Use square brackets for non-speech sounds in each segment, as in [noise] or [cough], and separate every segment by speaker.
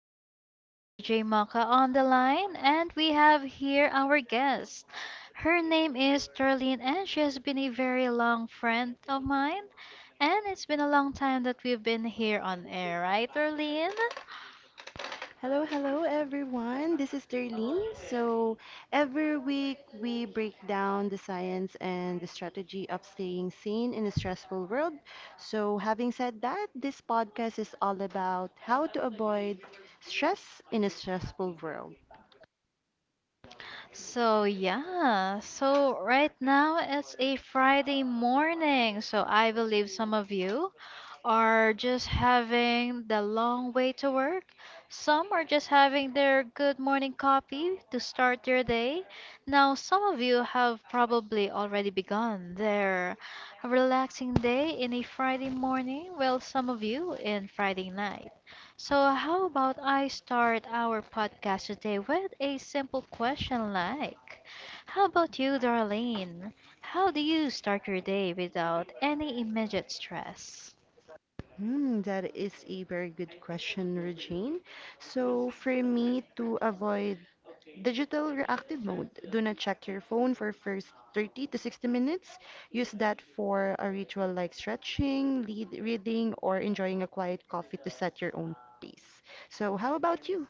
Speaker 1: again, this is DJ Maka on the line, and we have here our guest. Her name is Darlene, and she has been a very long friend of mine. And it's been a long time that we've been here on air, right, Darlene?
Speaker 2: Hello, hello everyone. This is Darlene. So, every week we break down the science and the strategy of staying sane in a stressful world. So, having said that, this podcast is all about how to avoid stress in a stressful world.
Speaker 1: So, yeah, so right now it's a Friday morning. So, I believe some of you are just having the long way to work. Some are just having their good morning coffee to start their day. Now, some of you have probably already begun their relaxing day in a Friday morning, while some of you in Friday night. So, how about I start our podcast today with a simple question like, how about you, Darlene? How do you start your day without any immediate stress?
Speaker 2: That is a very good question, Regine. So, for me to avoid digital reactive mode, do not check your phone for first 30 to 60 minutes. Use that for a ritual like stretching, lead reading, or enjoying a quiet coffee to set your own pace. So, how about you?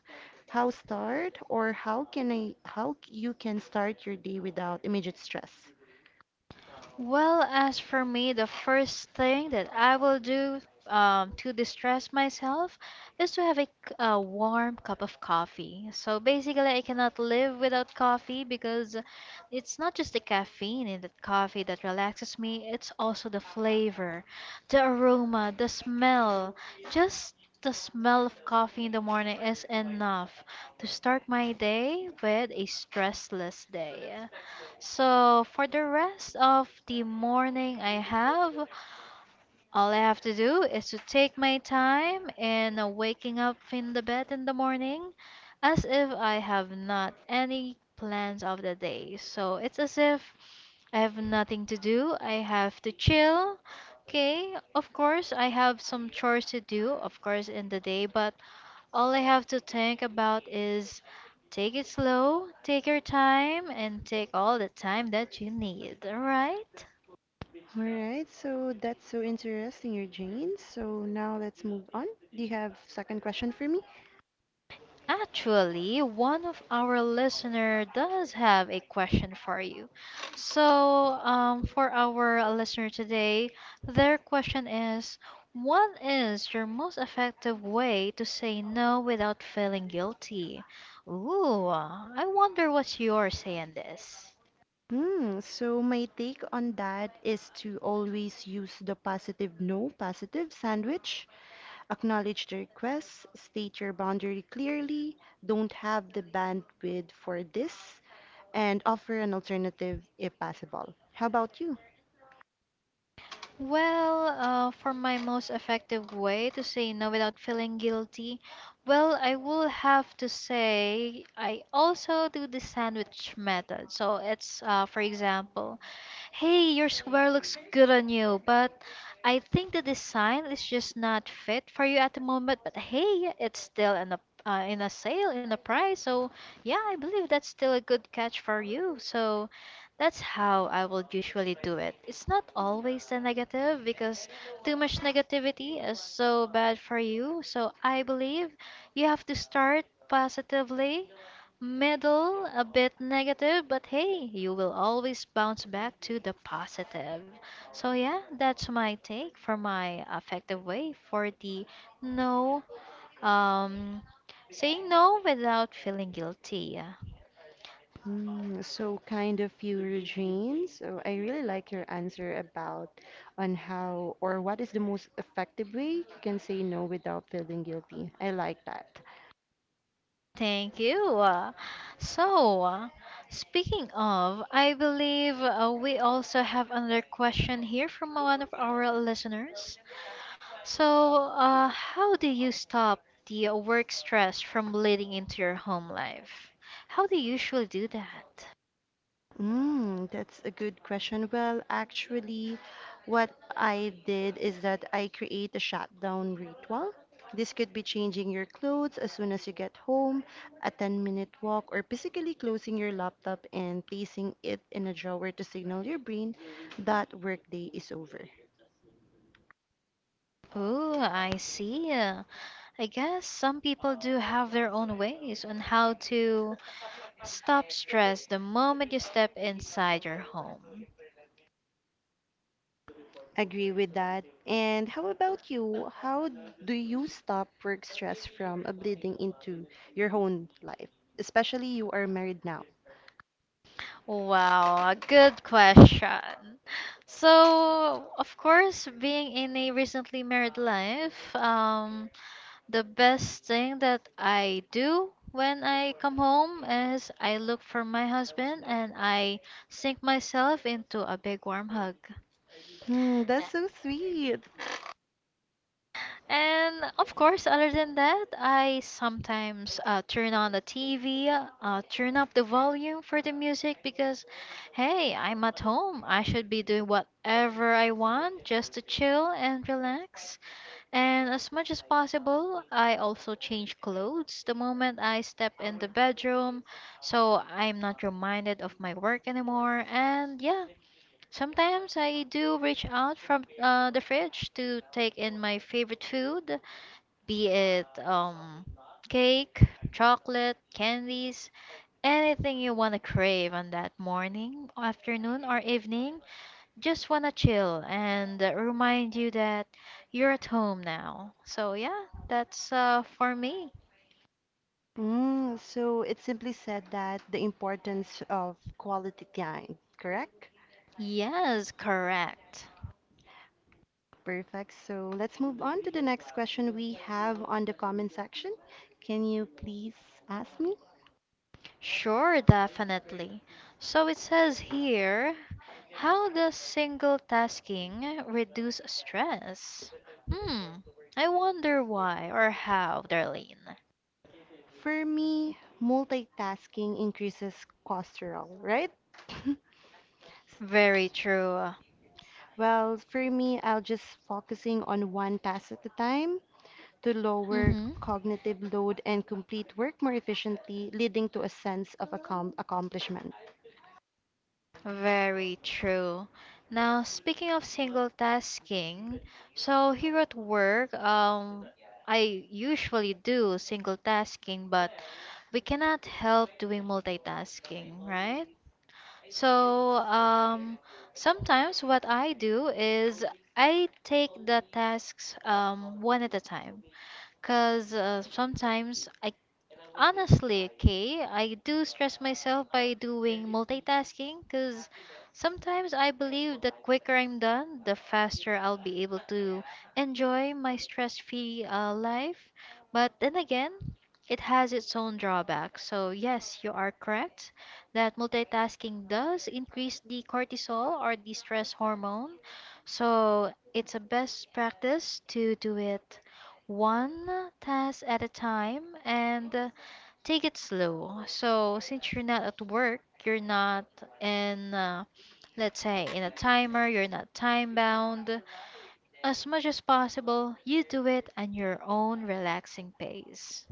Speaker 2: How start or how can I how you can start your day without immediate stress?
Speaker 1: Well, as for me, the first thing that I will do to distress myself is to have a, a warm cup of coffee. So basically, I cannot live without coffee because it's not just the caffeine in that coffee that relaxes me, it's also the flavor, the aroma, the smell. Just the smell of coffee in the morning is enough to start my day with a stressless day. So for the rest of the morning I have, all I have to do is to take my time in waking up in the bed in the morning as if I have not any plans of the day. So it's as if I have nothing to do. I have to chill. Okay, of course I have some chores to do, of course in the day, but all I have to think about is take it slow, take your time, and take all the time that you need, alright?
Speaker 2: All right, so that's so interesting, Eugene. So now let's move on. Do you have second question for me?
Speaker 1: Actually, one of our listener does have a question for you. So, for our listener today, their question is, what is your most effective way to say no without feeling guilty? Ooh, I wonder what's yours saying this.
Speaker 2: So my take on that is to always use the positive no positive sandwich. Acknowledge the request, state your boundary clearly, don't have the bandwidth for this, and offer an alternative if possible. How about you?
Speaker 1: Well, for my most effective way to say no without feeling guilty, well, I will have to say I also do the sandwich method. So it's, for example, hey, your square looks good on you, but I think the design is just not fit for you at the moment. But hey, it's still in a in a sale in a price, so yeah, I believe that's still a good catch for you. So that's how I will usually do it. It's not always the negative because too much negativity is so bad for you. So I believe you have to start positively, middle, a bit negative, but hey, you will always bounce back to the positive. So yeah, that's my take for my effective way for the no, um, saying no without feeling guilty.
Speaker 2: So kind of your dreams. So I really like your answer about on how or what is the most effective way you can say no without feeling guilty. I like that.
Speaker 1: Thank you. So, speaking of, I believe we also have another question here from one of our listeners. So, how do you stop the work stress from bleeding into your home life? How do you usually do that?
Speaker 2: That's a good question. Well, actually, what I did is that I create a shutdown ritual. This could be changing your clothes as soon as you get home, a 10-minute walk, or physically closing your laptop and placing it in a drawer to signal your brain that workday is over.
Speaker 1: Oh, I see. I guess some people do have their own ways on how to stop stress the moment you step inside your home.
Speaker 2: Agree with that. And how about you? How do you stop work stress from bleeding into your own life? Especially you are married now.
Speaker 1: Wow, a good question. So, of course, being in a recently married life, the best thing that I do when I come home is I look for my husband and I sink myself into a big warm hug.
Speaker 2: Hmm, that's so sweet.
Speaker 1: And of course, other than that, I sometimes turn on the TV, turn up the volume for the music because, hey, I'm at home. I should be doing whatever I want just to chill and relax. And as much as possible, I also change clothes the moment I step in the bedroom so I'm not reminded of my work anymore. And yeah, sometimes I do reach out from the fridge to take in my favorite food, be it cake, chocolate, candies, anything you want to crave on that morning, afternoon, or evening. Just want to chill and remind you that you're at home now. So, yeah, that's for me.
Speaker 2: So it simply said that the importance of quality time, correct?
Speaker 1: Yes, correct.
Speaker 2: Perfect. So let's move on to the next question we have on the comment section. Can you please ask me?
Speaker 1: Sure, definitely. So it says here, how does single tasking reduce stress? Hmm, I wonder why or how, Darlene.
Speaker 2: For me, multitasking increases cholesterol, right? [laughs]
Speaker 1: Very true.
Speaker 2: Well, for me, I'll just focusing on one task at a time. To lower
Speaker 1: Mm-hmm.
Speaker 2: cognitive load and complete work more efficiently, leading to a sense of accomplishment.
Speaker 1: Very true. Now, speaking of single tasking, so here at work, I usually do single tasking, but we cannot help doing multitasking, right? So, sometimes what I do is I take the tasks one at a time because sometimes I honestly, okay, I do stress myself by doing multitasking because sometimes I believe the quicker I'm done, the faster I'll be able to enjoy my stress free life. But then again, it has its own drawbacks. So, yes, you are correct that multitasking does increase the cortisol or the stress hormone. So, it's a best practice to do it one task at a time and take it slow. So since you're not at work, you're not in, let's say, in a timer, you're not time bound. As much as possible, you do it at your own relaxing pace,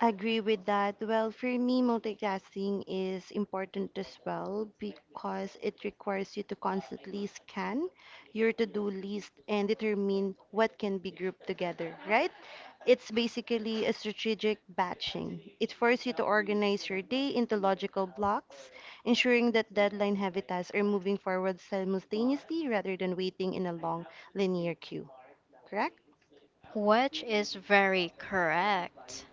Speaker 2: Agree with that. Well, for me, multitasking is important as well because it requires you to constantly scan your to do list and determine what can be grouped together, right? It's basically a strategic batching. It forces you to organize your day into logical blocks, ensuring that deadline heavy tasks are moving forward simultaneously rather than waiting in a long linear queue, correct?
Speaker 1: which is very correct.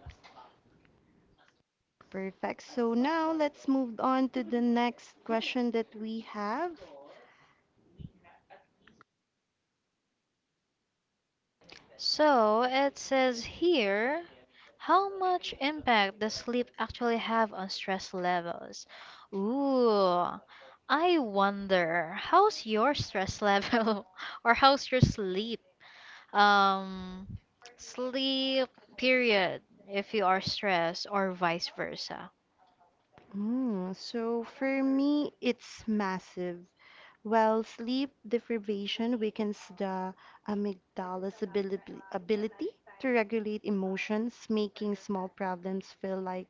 Speaker 2: Perfect. So now let's move on to the next question that we have.
Speaker 1: So it says here, how much impact does sleep actually have on stress levels? Ooh, I wonder, how's your stress level [laughs] or how's your sleep? um, Sleep period if you are stressed or vice versa.
Speaker 2: So for me, it's massive. Well, sleep deprivation weakens the amygdala's ability to regulate emotions, making small problems feel like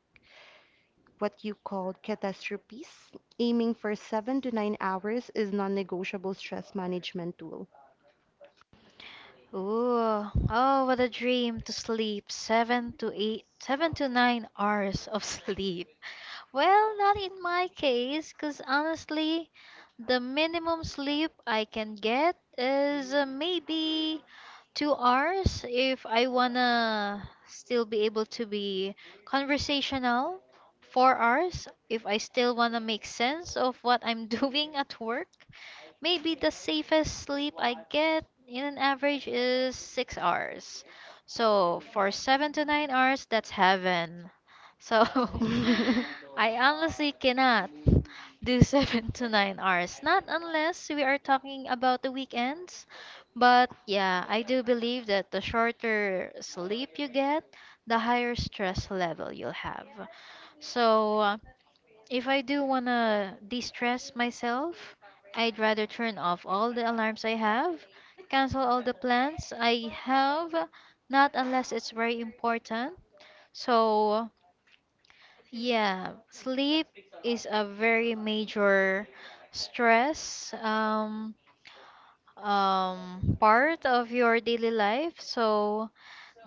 Speaker 2: what you call catastrophes. Aiming for 7 to 9 hours is non-negotiable stress management tool.
Speaker 1: Ooh, oh, what a dream to sleep 7 to 8, 7 to 9 hours of [laughs] sleep. Well, not in my case, because honestly, the minimum sleep I can get is maybe 2 hours if I wanna still be able to be conversational, 4 hours if I still wanna make sense of what I'm [laughs] doing at work. Maybe the safest sleep I get in an average is 6 hours. So for 7 to 9 hours, that's heaven. So
Speaker 2: [laughs]
Speaker 1: [laughs] I honestly cannot do [laughs] 7 to 9 hours. Not unless we are talking about the weekends. But yeah, I do believe that the shorter sleep you get, the higher stress level you'll have. So if I do want to de stress myself, I'd rather turn off all the alarms I have, cancel all the plans I have, not unless it's very important. So, yeah, sleep is a very major stress part of your daily life. So,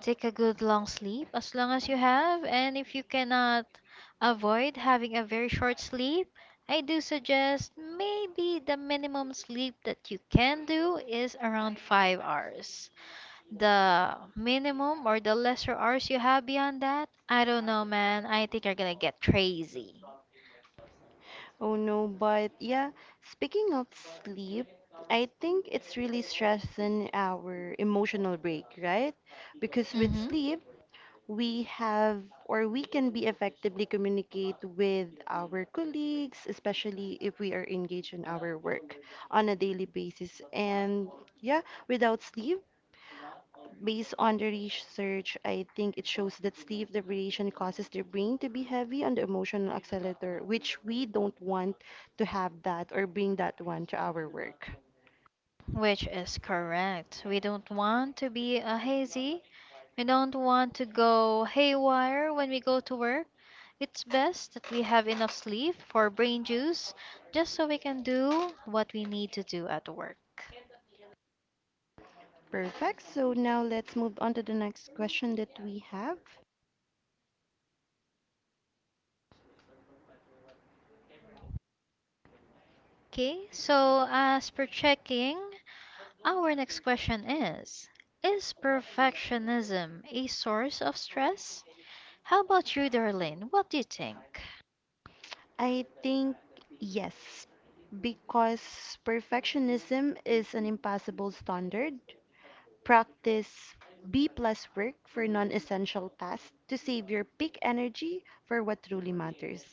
Speaker 1: take a good long sleep as long as you have, and if you cannot avoid having a very short sleep, I do suggest maybe the minimum sleep that you can do is around 5 hours. The minimum or the lesser hours you have beyond that, I don't know, man. I think you're gonna get crazy.
Speaker 2: Oh no, but yeah, speaking of sleep, I think it's really stressing our emotional break, right? Because with
Speaker 1: Mm-hmm.
Speaker 2: sleep, we have or we can be effectively communicate with our colleagues, especially if we are engaged in our work on a daily basis. And yeah, without sleep, based on the research, I think it shows that sleep deprivation causes the brain to be heavy on the emotional accelerator, which we don't want to have that or bring that one to our work.
Speaker 1: Which is correct. We don't want to be a hazy. We don't want to go haywire when we go to work. It's best that we have enough sleep for brain juice just so we can do what we need to do at work.
Speaker 2: Perfect. So now let's move on to the next question that we have.
Speaker 1: Okay, so as per checking, our next question is: Is perfectionism a source of stress? How about you, Darlene? What do you think?
Speaker 2: I think yes, because perfectionism is an impossible standard. Practice B plus work for non essential tasks to save your peak energy for what truly matters.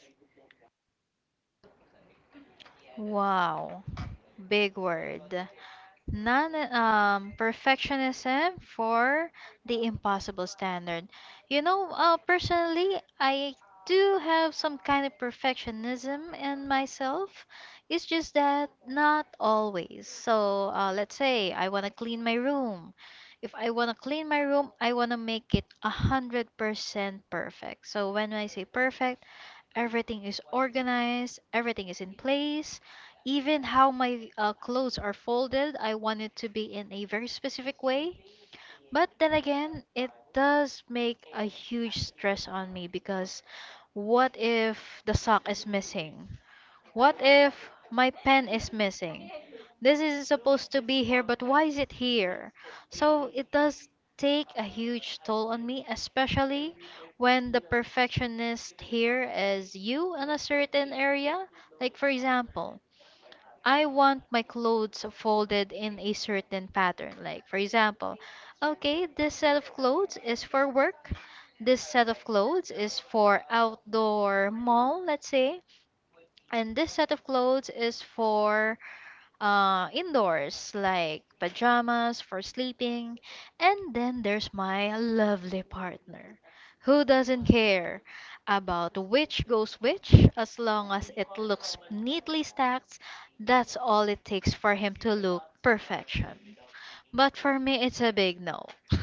Speaker 1: Wow, big word. Non perfectionism for the impossible standard. You know, personally, I do have some kind of perfectionism in myself. It's just that not always. So, let's say I want to clean my room. If I want to clean my room, I want to make it 100% perfect. So, when I say perfect, everything is organized, everything is in place. Even how my clothes are folded, I want it to be in a very specific way. But then again, it does make a huge stress on me because what if the sock is missing? What if my pen is missing? This isn't supposed to be here, but why is it here? So it does take a huge toll on me, especially when the perfectionist here is you in a certain area. Like, for example, I want my clothes folded in a certain pattern. Like, for example, okay, this set of clothes is for work. This set of clothes is for outdoor mall, let's say. And this set of clothes is for indoors, like pajamas for sleeping. And then there's my lovely partner, who doesn't care about which goes which as long as it looks neatly stacked. That's all it takes for him to look perfection. But for me, it's a big no. [laughs]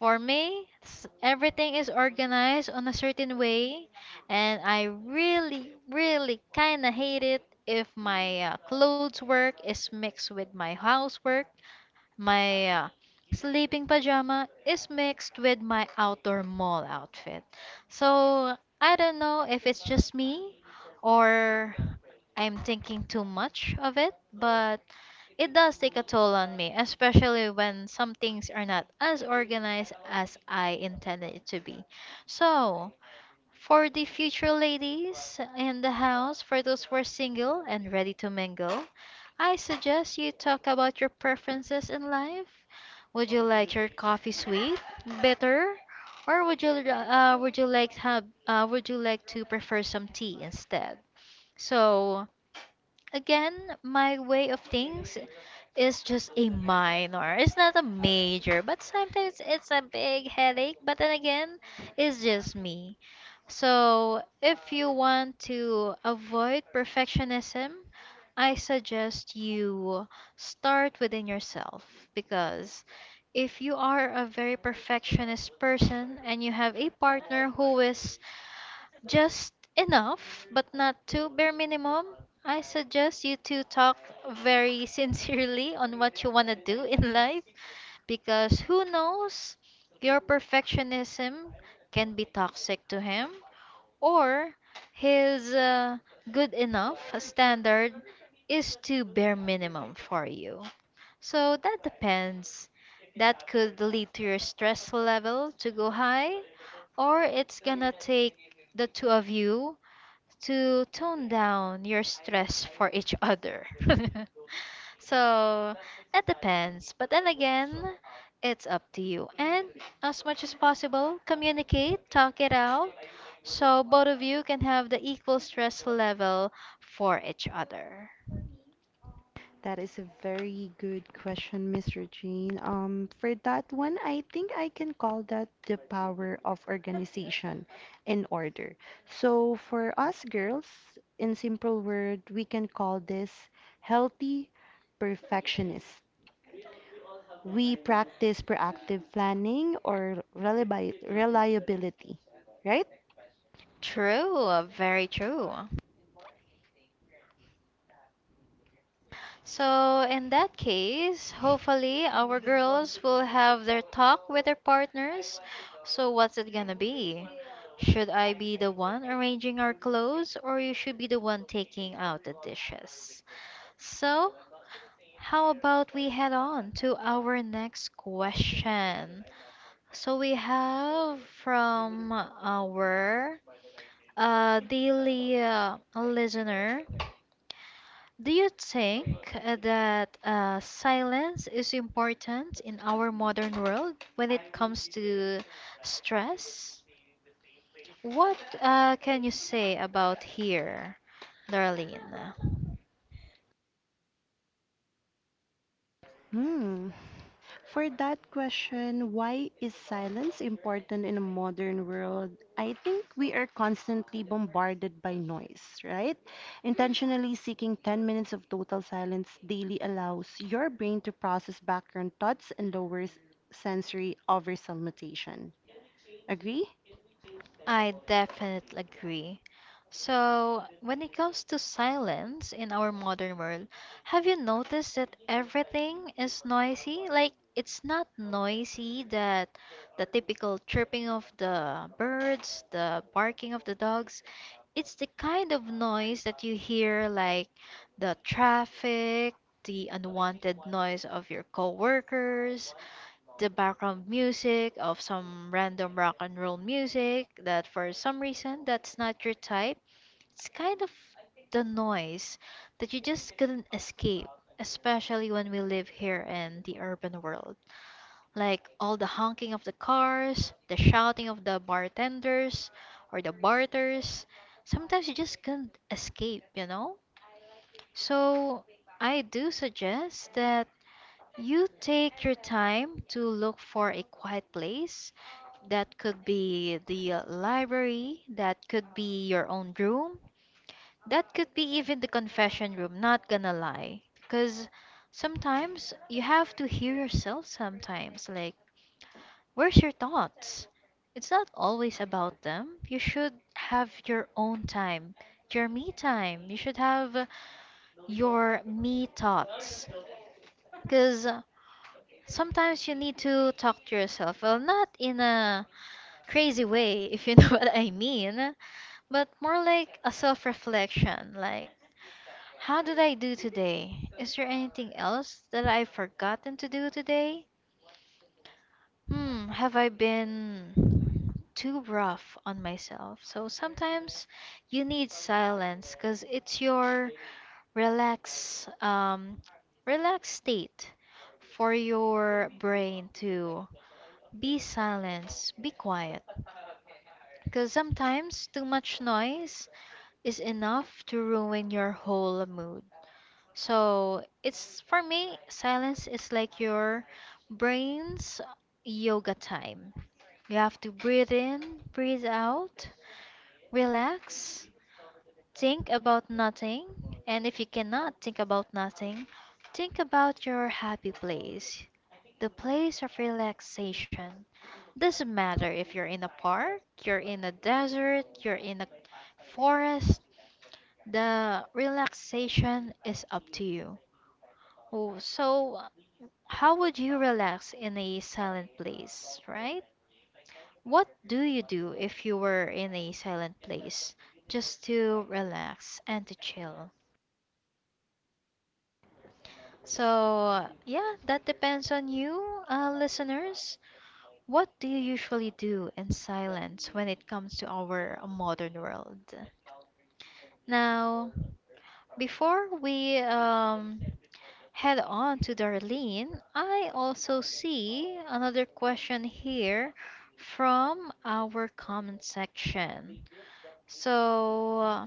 Speaker 1: For me, everything is organized on a certain way, and I really, really kind of hate it if my clothes work is mixed with my housework, my sleeping pajama is mixed with my outdoor mall outfit. So I don't know if it's just me or I'm thinking too much of it, but it does take a toll on me, especially when some things are not as organized as I intended it to be. So, for the future ladies in the house, for those who are single and ready to mingle, I suggest you talk about your preferences in life. Would you like your coffee sweet, bitter, or would you like to prefer some tea instead? So. Again, my way of things is just a minor. It's not a major, but sometimes it's a big headache. But then again, it's just me. So, if you want to avoid perfectionism, I suggest you start within yourself because if you are a very perfectionist person and you have a partner who is just enough, but not too bare minimum. I suggest you to talk very [laughs] sincerely on what you want to do in life because who knows, your perfectionism can be toxic to him or his good enough standard is too bare minimum for you. So that depends. That could lead to your stress level to go high, or it's gonna take the two of you to tone down your stress for each other. [laughs] So it depends. But then again, it's up to you. And as much as possible, communicate, talk it out, so both of you can have the equal stress level for each other.
Speaker 2: That is a very good question, Mr. Jean. For that one, I think I can call that the power of organization and order. So for us girls, in simple word, we can call this healthy perfectionist. We practice proactive planning or reliability, right?
Speaker 1: True, very true. So, in that case, hopefully our girls will have their talk with their partners. So, what's it gonna be? Should I be the one arranging our clothes, or you should be the one taking out the dishes? So, how about we head on to our next question? So, we have from our daily listener. Do you think that silence is important in our modern world when it comes to stress? What can you say about here, Darlene?
Speaker 2: Hmm. For that question, why is silence important in a modern world? I think we are constantly bombarded by noise, right? Intentionally seeking 10 minutes of total silence daily allows your brain to process background thoughts and lowers sensory overstimulation. Agree?
Speaker 1: I definitely agree. So, when it comes to silence in our modern world, have you noticed that everything is noisy? Like, it's not noisy that the typical chirping of the birds, the barking of the dogs, it's the kind of noise that you hear like the traffic, the unwanted noise of your coworkers, the background music of some random rock and roll music that for some reason that's not your type. It's kind of the noise that you just couldn't escape, especially when we live here in the urban world. Like all the honking of the cars, the shouting of the bartenders or the barters. Sometimes you just couldn't escape, you know? So I do suggest that you take your time to look for a quiet place. That could be the library, that could be your own room, that could be even the confession room, not gonna lie. Because sometimes you have to hear yourself sometimes. Like, where's your thoughts? It's not always about them. You should have your own time, your me time. You should have your me thoughts. Because sometimes you need to talk to yourself. Well, not in a crazy way, [laughs] if you know [laughs] what I mean, but more like a self reflection. Like, how did I do today? Is there anything else that I've forgotten to do today? Have I been too rough on myself? So sometimes you need silence because it's your relax um relaxed state for your brain to be silence, be quiet. Because sometimes too much noise is enough to ruin your whole mood. So it's for me, silence is like your brain's yoga time. You have to breathe in, breathe out, relax, think about nothing. And if you cannot think about nothing, think about your happy place, the place of relaxation. Doesn't matter if you're in a park, you're in a desert, you're in a forest, the relaxation is up to you. Oh, so how would you relax in a silent place, right? What do you do if you were in a silent place just to relax and to chill? So, yeah, that depends on you, listeners. What do you usually do in silence when it comes to our modern world? Now, before we head on to Darlene, I also see another question here from our comment section. So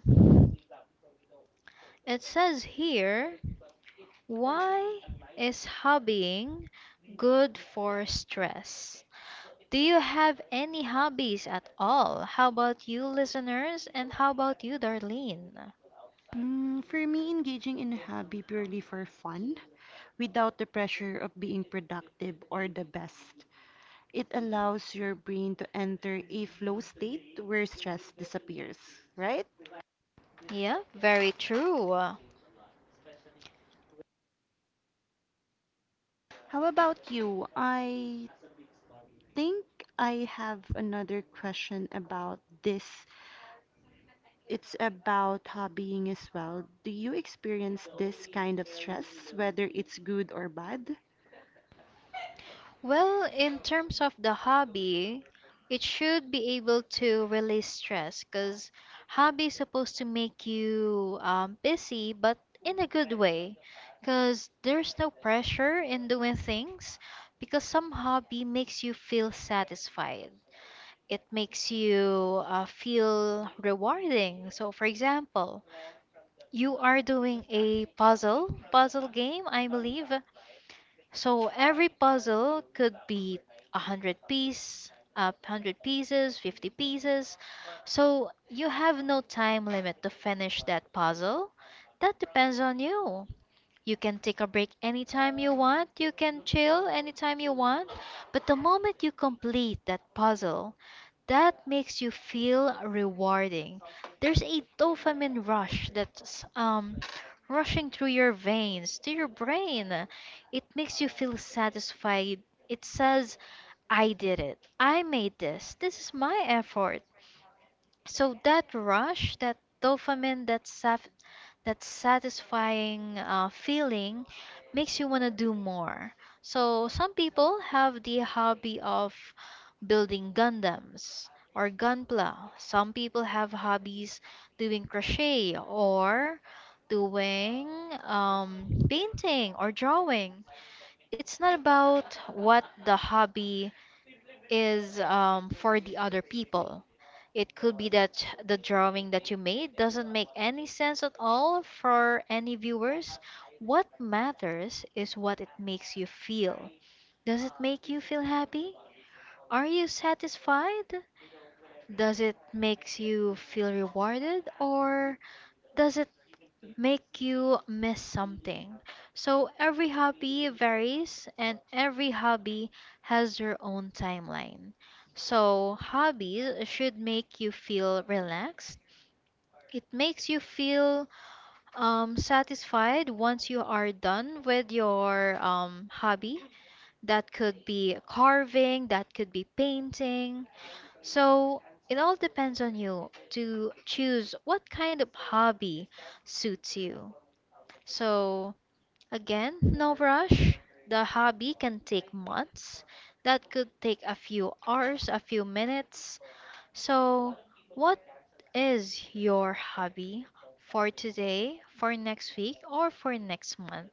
Speaker 1: it says here, why is hobbying good for stress? Do you have any hobbies at all? How about you, listeners? And how about you, Darlene?
Speaker 2: For me, engaging in a hobby purely for fun, without the pressure of being productive or the best, it allows your brain to enter a flow state where stress disappears, right?
Speaker 1: Yeah, very true.
Speaker 2: How about you? I think I have another question about this. It's about hobbying as well. Do you experience this kind of stress, whether it's good or bad?
Speaker 1: Well, in terms of the hobby, it should be able to release stress because hobby is supposed to make you busy, but in a good way. Because there's no pressure in doing things, because some hobby makes you feel satisfied. It makes you feel rewarding. So, for example, you are doing a puzzle game, I believe, so every puzzle could be 100 piece, 100 pieces, 50 pieces. So you have no time limit to finish that puzzle. That depends on you. You can take a break anytime you want. You can chill anytime you want. But the moment you complete that puzzle, that makes you feel rewarding. There's a dopamine rush that's rushing through your veins, to your brain. It makes you feel satisfied. It says, I did it. I made this. This is my effort. So that rush, that dopamine, that satisfying feeling makes you want to do more. So some people have the hobby of building Gundams or Gunpla. Some people have hobbies doing crochet or doing painting or drawing. It's not about what the hobby is for the other people. It could be that the drawing that you made doesn't make any sense at all for any viewers. What matters is what it makes you feel. Does it make you feel happy? Are you satisfied? Does it makes you feel rewarded or does it make you miss something? So every hobby varies and every hobby has their own timeline. So hobbies should make you feel relaxed. It makes you feel satisfied once you are done with your hobby. That could be carving, that could be painting. So it all depends on you to choose what kind of hobby suits you. So, again, no rush. The hobby can take months. That could take a few hours, a few minutes. So, what is your hobby for today, for next week, or for next month?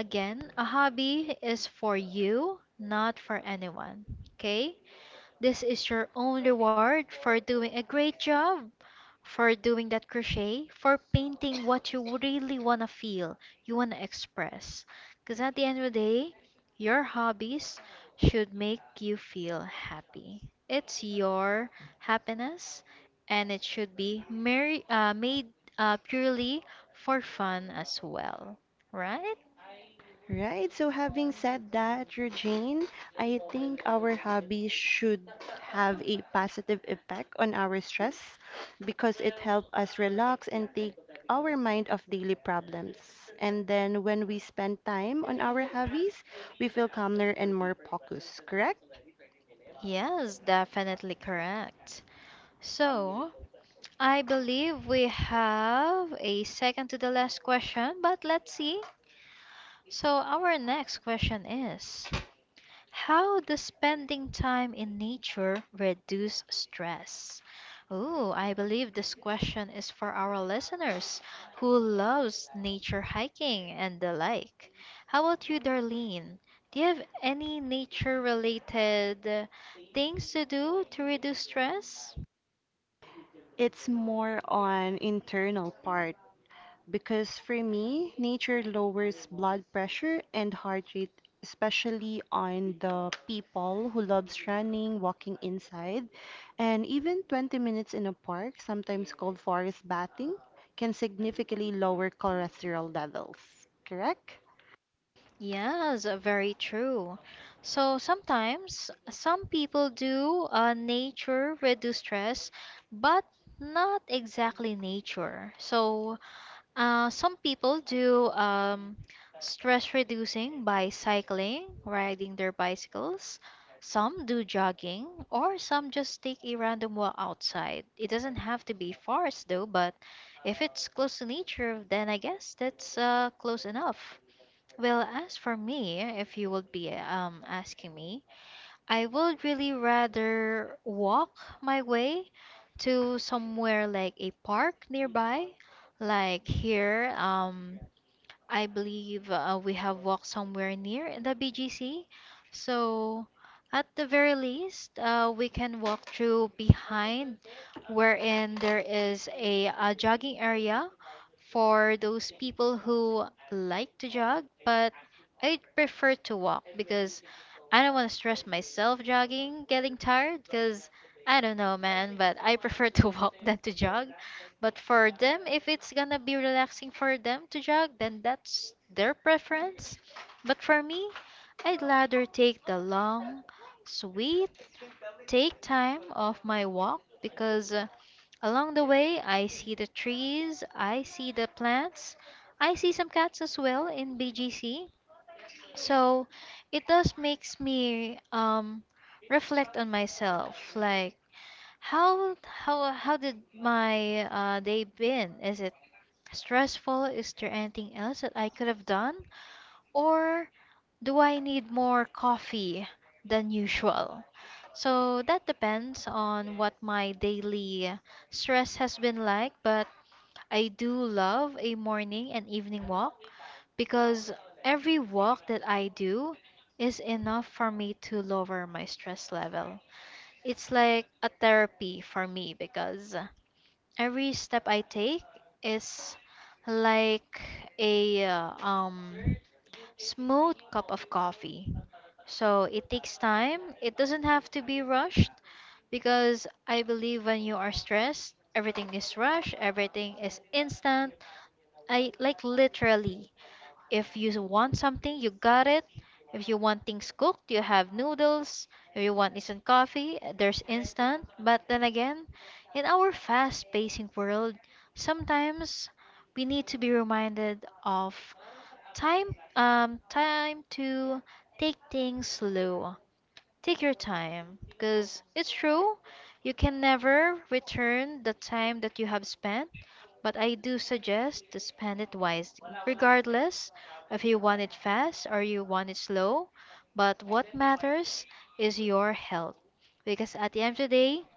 Speaker 1: Again, a hobby is for you, not for anyone. Okay? This is your own reward for doing a great job for doing that crochet, for painting what you really want to feel, you want to express. Because at the end of the day, your hobbies should make you feel happy. It's your happiness, and it should be made purely for fun as well, right?
Speaker 2: Right, so having said that, Regine, I think our hobbies should have a positive effect on our stress because it helps us relax and take our mind off daily problems. And then when we spend time on our hobbies, we feel calmer and more focused, correct?
Speaker 1: Yes, definitely correct. So, I believe we have a second to the last question, but let's see. So, our next question is: how does spending time in nature reduce stress? Oh, I believe this question is for our listeners who loves nature hiking and the like. How about you, Darlene? Do you have any nature related things to do to reduce stress?
Speaker 2: It's more on internal part because for me, nature lowers blood pressure and heart rate, especially on the people who loves running, walking inside, and even 20 minutes in a park, sometimes called forest bathing, can significantly lower cholesterol levels. Correct?
Speaker 1: Yes, very true. So sometimes some people do nature reduce stress, but not exactly nature. So some people do stress reducing by cycling, riding their bicycles. Some do jogging, or some just take a random walk outside. It doesn't have to be forest though, but if it's close to nature, then I guess that's close enough. Well, as for me, if you would be asking me, I would really rather walk my way to somewhere like a park nearby. Like here, I believe we have walked somewhere near in the BGC. So, at the very least, we can walk through behind, wherein there is a jogging area for those people who like to jog, but I prefer to walk because I don't want to stress myself jogging, getting tired, because I don't know, man, but I prefer to walk [laughs] than to jog. But for them, if it's gonna be relaxing for them to jog, then that's their preference. But for me, I'd rather take the long, sweet, take time of my walk because along the way I see the trees, I see the plants, I see some cats as well in BGC. So it does makes me reflect on myself like how did my day been? Is it stressful? Is there anything else that I could have done? Or do I need more coffee than usual? So that depends on what my daily stress has been like, but I do love a morning and evening walk because every walk that I do is enough for me to lower my stress level. It's like a therapy for me because every step I take is like a smooth cup of coffee. So it takes time. It doesn't have to be rushed because I believe when you are stressed, everything is rushed, everything is instant. I, like, literally, if you want something, you got it. If you want things cooked, you have noodles. If you want instant coffee, there's instant. But then again, in our fast paced world, sometimes we need to be reminded of time time to take things slow. Take your time, because it's true, you can never return the time that you have spent, but I do suggest to spend it wisely, regardless if you want it fast or you want it slow. But what matters is your health, because at the end of the day,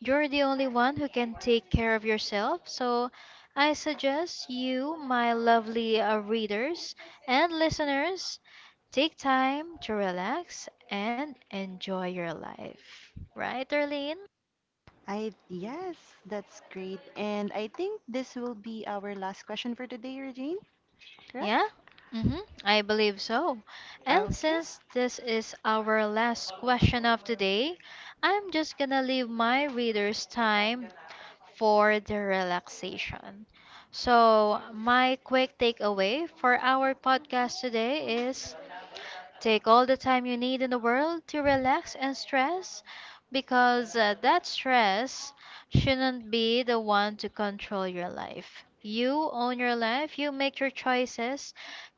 Speaker 1: you're the only one who can take care of yourself, so I suggest you, my lovely readers and listeners, take time to relax and enjoy your life. Right, Darlene?
Speaker 2: I yes, that's great. And I think this will be our last question for today, Regine.
Speaker 1: Yeah?
Speaker 2: Correct?
Speaker 1: Mm-hmm, I believe so. And
Speaker 2: Okay.
Speaker 1: since this is our last question of today, I'm just gonna leave my readers time for the relaxation. So, my quick takeaway for our podcast today is take all the time you need in the world to relax and stress because that stress shouldn't be the one to control your life. You own your life, you make your choices,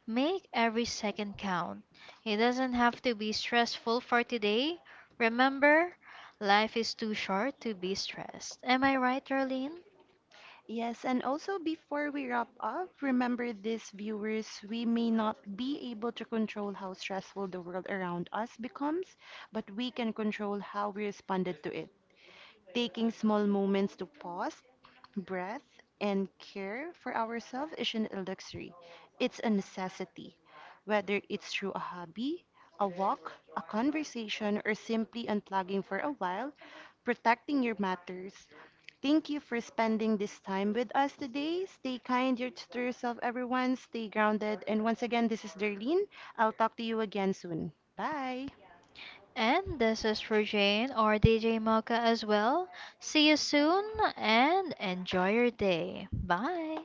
Speaker 1: make every second count. It doesn't have to be stressful for today. Remember, life is too short to be stressed. Am I right, Darlene?
Speaker 2: Yes, and also before we wrap up, remember this, viewers, we may not be able to control how stressful the world around us becomes, but we can control how we responded to it. Taking small moments to pause, breath, and care for ourselves isn't a luxury, it's a necessity. Whether it's through a hobby, a walk, a conversation, or simply unplugging for a while, protecting your matters. Thank you for spending this time with us today. Stay kind to yourself, everyone. Stay grounded. And once again, this is Darlene. I'll talk to you again soon. Bye.
Speaker 1: And this is for Jane or DJ Mocha as well. See you soon and enjoy your day. Bye.